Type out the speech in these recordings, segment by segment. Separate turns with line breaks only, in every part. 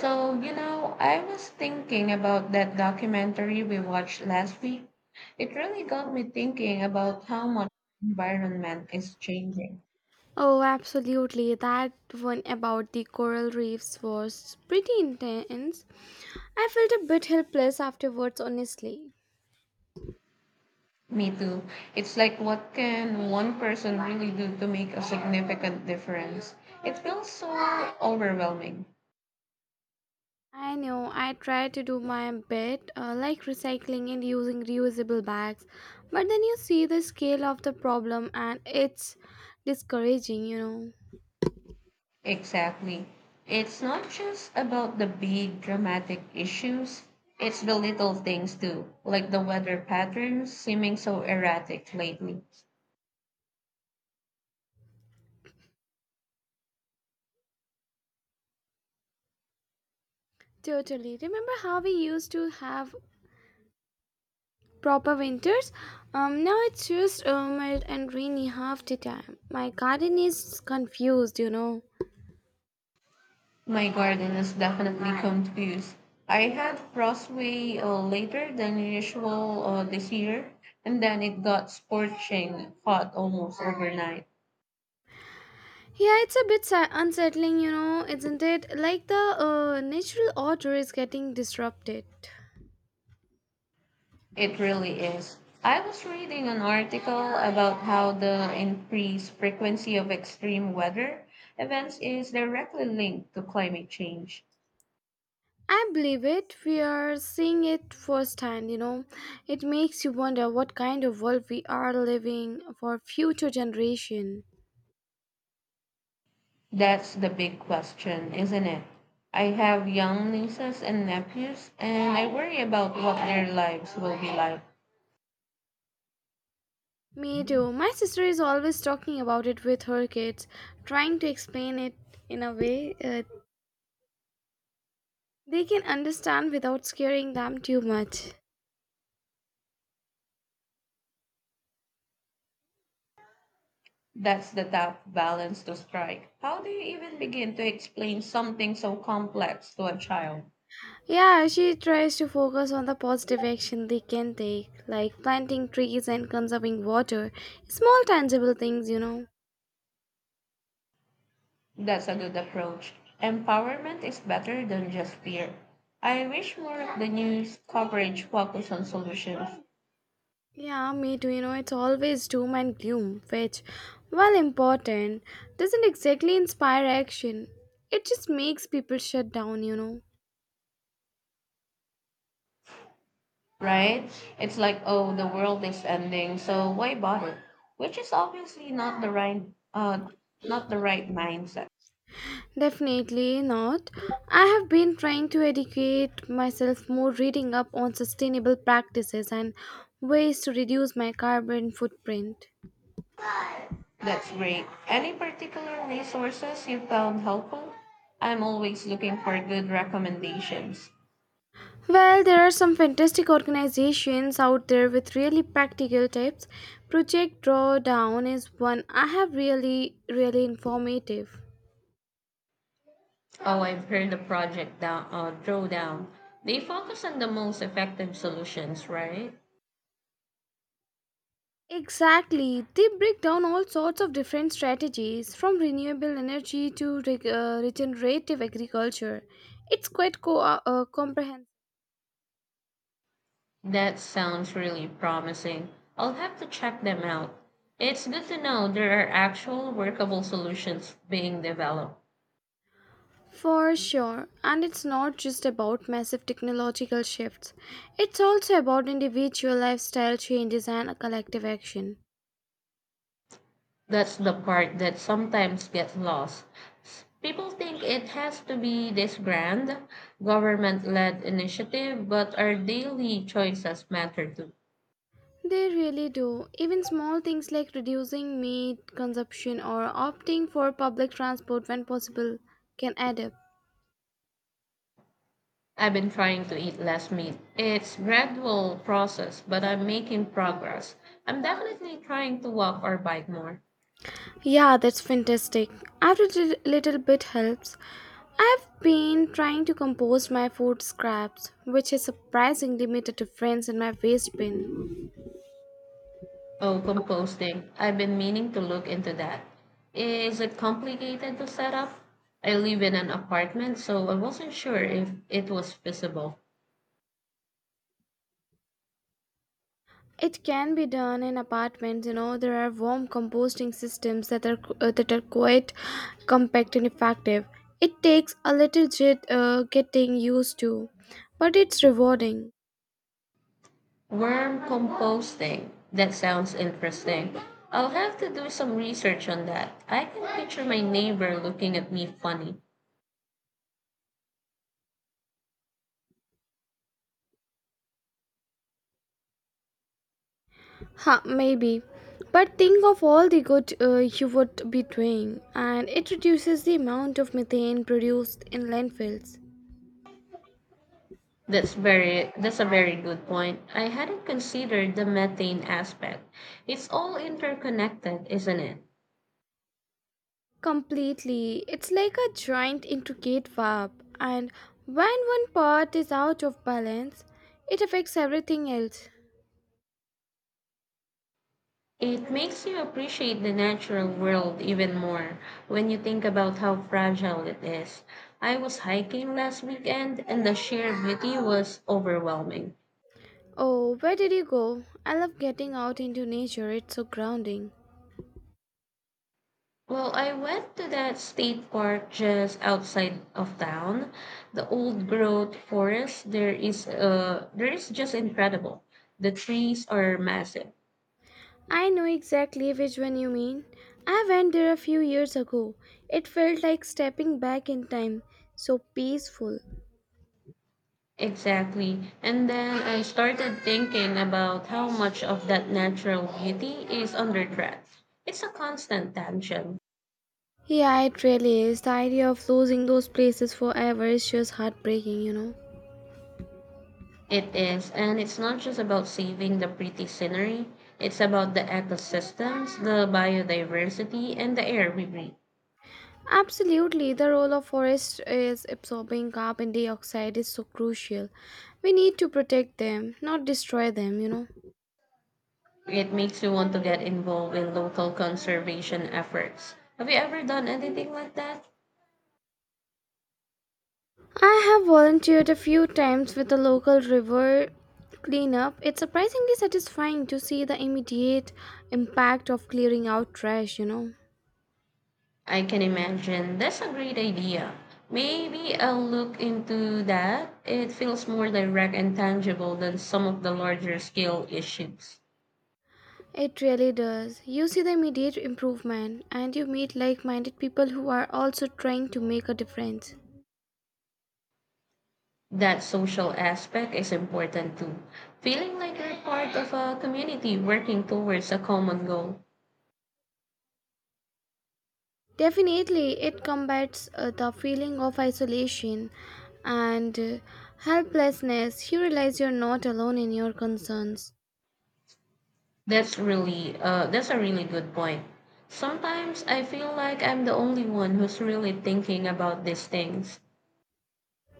So, you know, I was thinking about that documentary we watched last week. It really got me thinking about how much the environment is changing.
Oh, absolutely. That one about the coral reefs was pretty intense. I felt a bit helpless afterwards, honestly.
Me too. It's like what can one person really do to make a significant difference? It feels so overwhelming.
I know, I tried to do my bit, like recycling and using reusable bags, but then you see the scale of the problem and it's discouraging, you know.
Exactly. It's not just about the big dramatic issues. It's the little things too, like the weather patterns seeming so erratic lately.
Totally. Remember how we used to have proper winters? Now it's just mild and rainy half the time. My garden is confused, you know.
My garden is definitely confused. I had frostway later than usual this year, and then it got scorching hot almost overnight.
Yeah, it's a bit unsettling, you know, isn't it? Like the natural order is getting disrupted.
It really is. I was reading an article about how the increased frequency of extreme weather events is directly linked to climate change.
I believe it. We are seeing it firsthand, you know. It makes you wonder what kind of world we are living for future generation.
That's the big question, isn't it? I have young nieces and nephews, and I worry about what their lives will be like.
Me too. My sister is always talking about it with her kids, trying to explain it in a way they can understand without scaring them too much.
That's the tough balance to strike. How do you even begin to explain something so complex to a child?
Yeah, she tries to focus on the positive action they can take, like planting trees and conserving water. Small tangible things, you know.
That's a good approach. Empowerment is better than just fear. I wish more of the news coverage focused on solutions,
Yeah, me too, you know, it's always doom and gloom, which, while important, doesn't exactly inspire action. It just makes people shut down, you know.
right? It's like, oh, the world is ending, so why bother? Which is obviously not the right, uh, not the right mindset.
Definitely not. I have been trying to educate myself more, reading up on sustainable practices and ways to reduce my carbon footprint.
That's great. Any particular resources you found helpful? I'm always looking for good recommendations.
Well, there are some fantastic organizations out there with really practical tips. Project Drawdown is one I have really, really informative.
Oh, I've heard the Drawdown. They focus on the most effective solutions, right?
Exactly. They break down all sorts of different strategies from renewable energy to regenerative agriculture. It's quite comprehensive.
That sounds really promising. I'll have to check them out. It's good to know there are actual workable solutions being developed.
For sure, and it's not just about massive technological shifts. It's also about individual lifestyle changes and collective action.
That's the part that sometimes gets lost. People think it has to be this grand government led initiative, but our daily choices matter too.
They really do. Even small things like reducing meat consumption or opting for public transport when possible can add up.
I've been trying to eat less meat. It's gradual process, but I'm making progress. I'm definitely trying to walk or bike more.
Yeah, that's fantastic. Every little bit helps. I've been trying to compost my food scraps, which has surprisingly made a difference in my waste bin.
Oh, composting. I've been meaning to look into that. Is it complicated to set up? I live in an apartment, so I wasn't sure if it was feasible.
It can be done in apartments. You know, there are warm composting systems that are quite compact and effective. It takes a little getting used to, but it's rewarding.
Worm composting. That sounds interesting. I'll have to do some research on that. I can picture my neighbor looking at me funny.
Huh, maybe. But think of all the good you would be doing, and it reduces the amount of methane produced in landfills.
That's a very good point. I hadn't considered the methane aspect. It's all interconnected, isn't it?
Completely. It's like a giant intricate web, and when one part is out of balance, it affects everything else.
It makes you appreciate the natural world even more when you think about how fragile it is. I was hiking last weekend and the sheer beauty was overwhelming.
Oh, where did you go? I love getting out into nature, it's so grounding.
Well, I went to that state park just outside of town. The old growth forest there is just incredible. The trees are massive.
I know exactly which one you mean. I went there a few years ago. It felt like stepping back in time, so peaceful.
Exactly. And then I started thinking about how much of that natural beauty is under threat. It's a constant tension.
Yeah, it really is. The idea of losing those places forever is just heartbreaking, you know.
It is, and it's not just about saving the pretty scenery. It's about the ecosystems, the biodiversity, and the air we breathe.
Absolutely, the role of forest is absorbing carbon dioxide is so crucial. We need to protect them, not destroy them, you know.
It makes you want to get involved in local conservation efforts. Have you ever done anything like that?
I have volunteered a few times with the local river cleanup. It's surprisingly satisfying to see the immediate impact of clearing out trash, you know.
I can imagine. That's a great idea. Maybe I'll look into that. It feels more direct and tangible than some of the larger scale issues.
It really does. You see the immediate improvement and you meet like minded people who are also trying to make a difference.
That social aspect is important too. Feeling like you're part of a community working towards a common goal.
Definitely, it combats the feeling of isolation and helplessness. You realize you're not alone in your concerns.
That's a really good point. Sometimes I feel like I'm the only one who's really thinking about these things.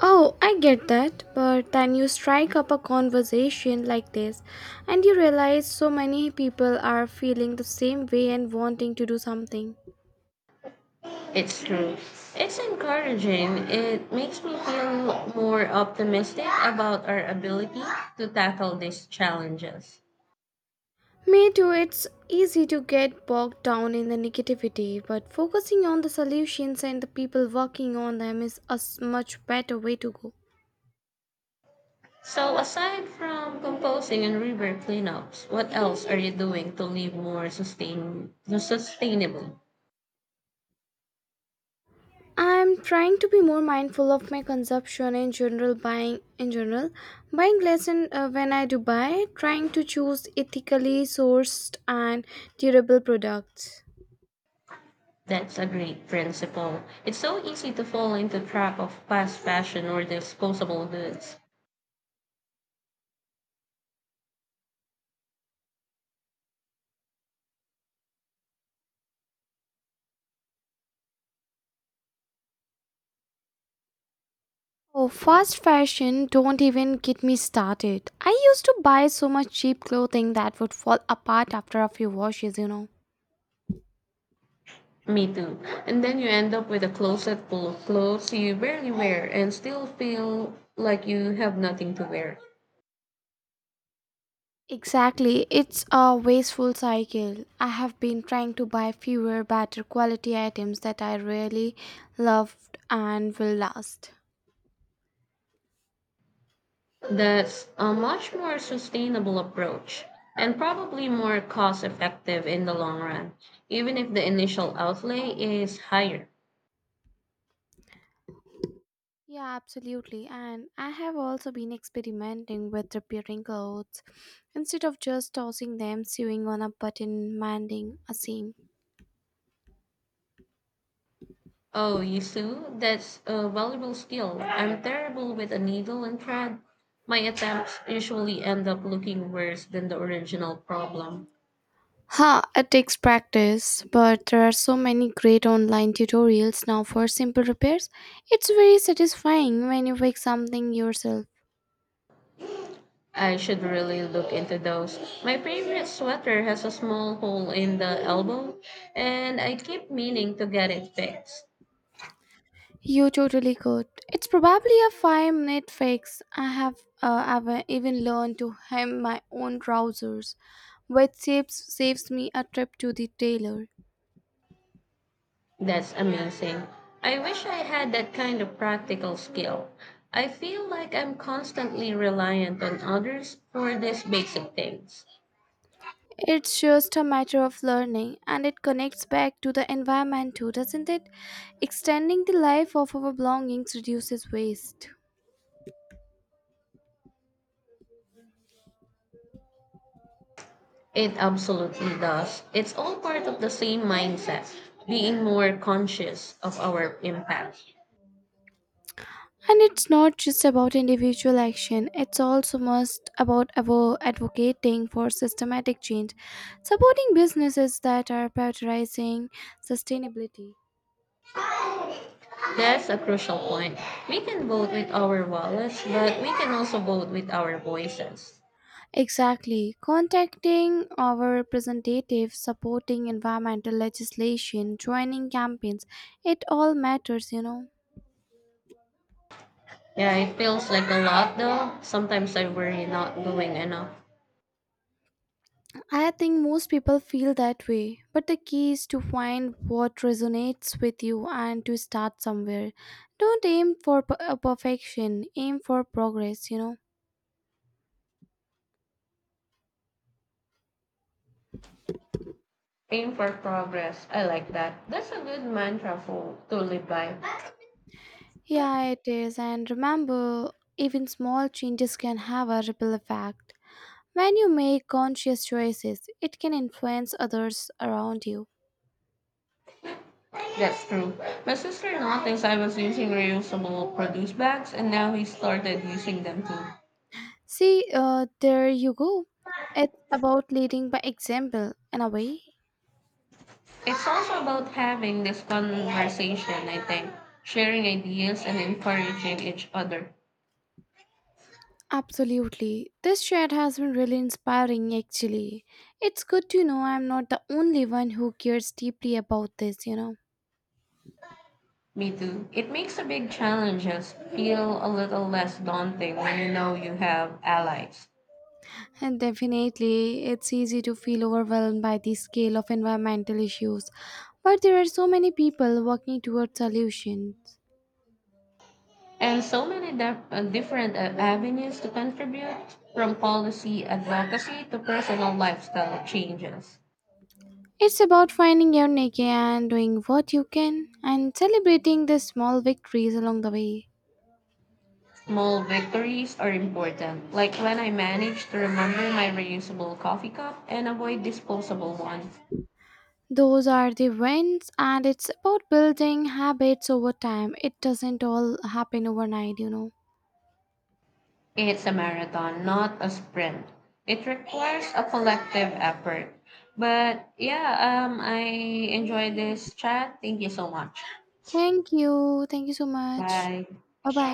Oh, I get that, but then you strike up a conversation like this and you realize so many people are feeling the same way and wanting to do something.
It's true. It's encouraging. It makes me feel more optimistic about our ability to tackle these challenges.
Me too, it's easy to get bogged down in the negativity, but focusing on the solutions and the people working on them is much better way to go.
So aside from composing and river cleanups, what else are you doing to live more sustainably?
I'm trying to be more mindful of my consumption in general buying less in, when I do buy trying to choose ethically sourced and durable products.
That's a great principle. It's so easy to fall into the trap of fast fashion or disposable goods.
Oh, fast fashion don't even get me started. I used to buy so much cheap clothing that would fall apart after a few washes, you know.
Me too. And then you end up with a closet full of clothes you barely wear and still feel like you have nothing to wear.
Exactly, it's a wasteful cycle. I have been trying to buy fewer, better quality items that I really loved and will last.
That's a much more sustainable approach and probably more cost effective in the long run, even if the initial outlay is higher.
Yeah, absolutely. And I have also been experimenting with repairing clothes. Instead of just tossing them, sewing on a button, mending a seam.
Oh, you sew? That's a valuable skill. I'm terrible with a needle and thread. My attempts usually end up looking worse than the original problem.
Ha, it takes practice, but there are so many great online tutorials now for simple repairs. It's very satisfying when you fix something yourself.
I should really look into those. My favorite sweater has a small hole in the elbow, and I keep meaning to get it fixed.
You totally could. It's probably a 5-minute fix. I've even learned to hem my own trousers, which saves me a trip to the tailor.
That's amazing. I wish I had that kind of practical skill. I feel like I'm constantly reliant on others for these basic things.
It's just a matter of learning and it connects back to the environment too, doesn't it? Extending the life of our belongings reduces waste.
It absolutely does. It's all part of the same mindset, being more conscious of our impact.
And it's not just about individual action, it's also must about advocating for systematic change, supporting businesses that are prioritizing sustainability.
That's a crucial point. We can vote with our wallets, but we can also vote with our voices.
Exactly, contacting our representatives, supporting environmental legislation, joining campaigns, it all matters, you know.
Yeah, it feels like a lot though. Sometimes I worry not doing enough.
I think most people feel that way, but the key is to find what resonates with you and to start somewhere. Don't aim for perfection, aim for progress, you know.
Aim for progress. I like that. That's a good mantra for to live by.
Yeah, it is, and remember, even small changes can have a ripple effect. When you make conscious choices, it can influence others around you.
That's true. My sister noticed I was using reusable produce bags and now he started using them too.
See, there you go. It's about leading by example, in a way.
It's also about having this conversation, I think, sharing ideas and encouraging each other.
Absolutely. This chat has been really inspiring, actually. It's good to know I'm not the only one who cares deeply about this, you know.
Me too. It makes the big challenges feel a little less daunting when you know you have allies.
And definitely, it's easy to feel overwhelmed by the scale of environmental issues, but there are so many people working towards solutions.
And so many different avenues to contribute, from policy advocacy to personal lifestyle changes.
It's about finding your niche and doing what you can and celebrating the small victories along the way.
Small victories are important, like when I managed to remember my reusable coffee cup and avoid disposable ones.
Those are the wins, and it's about building habits over time. It doesn't all happen overnight, you know.
It's a marathon, not a sprint. It requires a collective effort. But yeah, I enjoy this chat. Thank you so much.
Thank you. Thank you so much.
Bye.
Bye bye.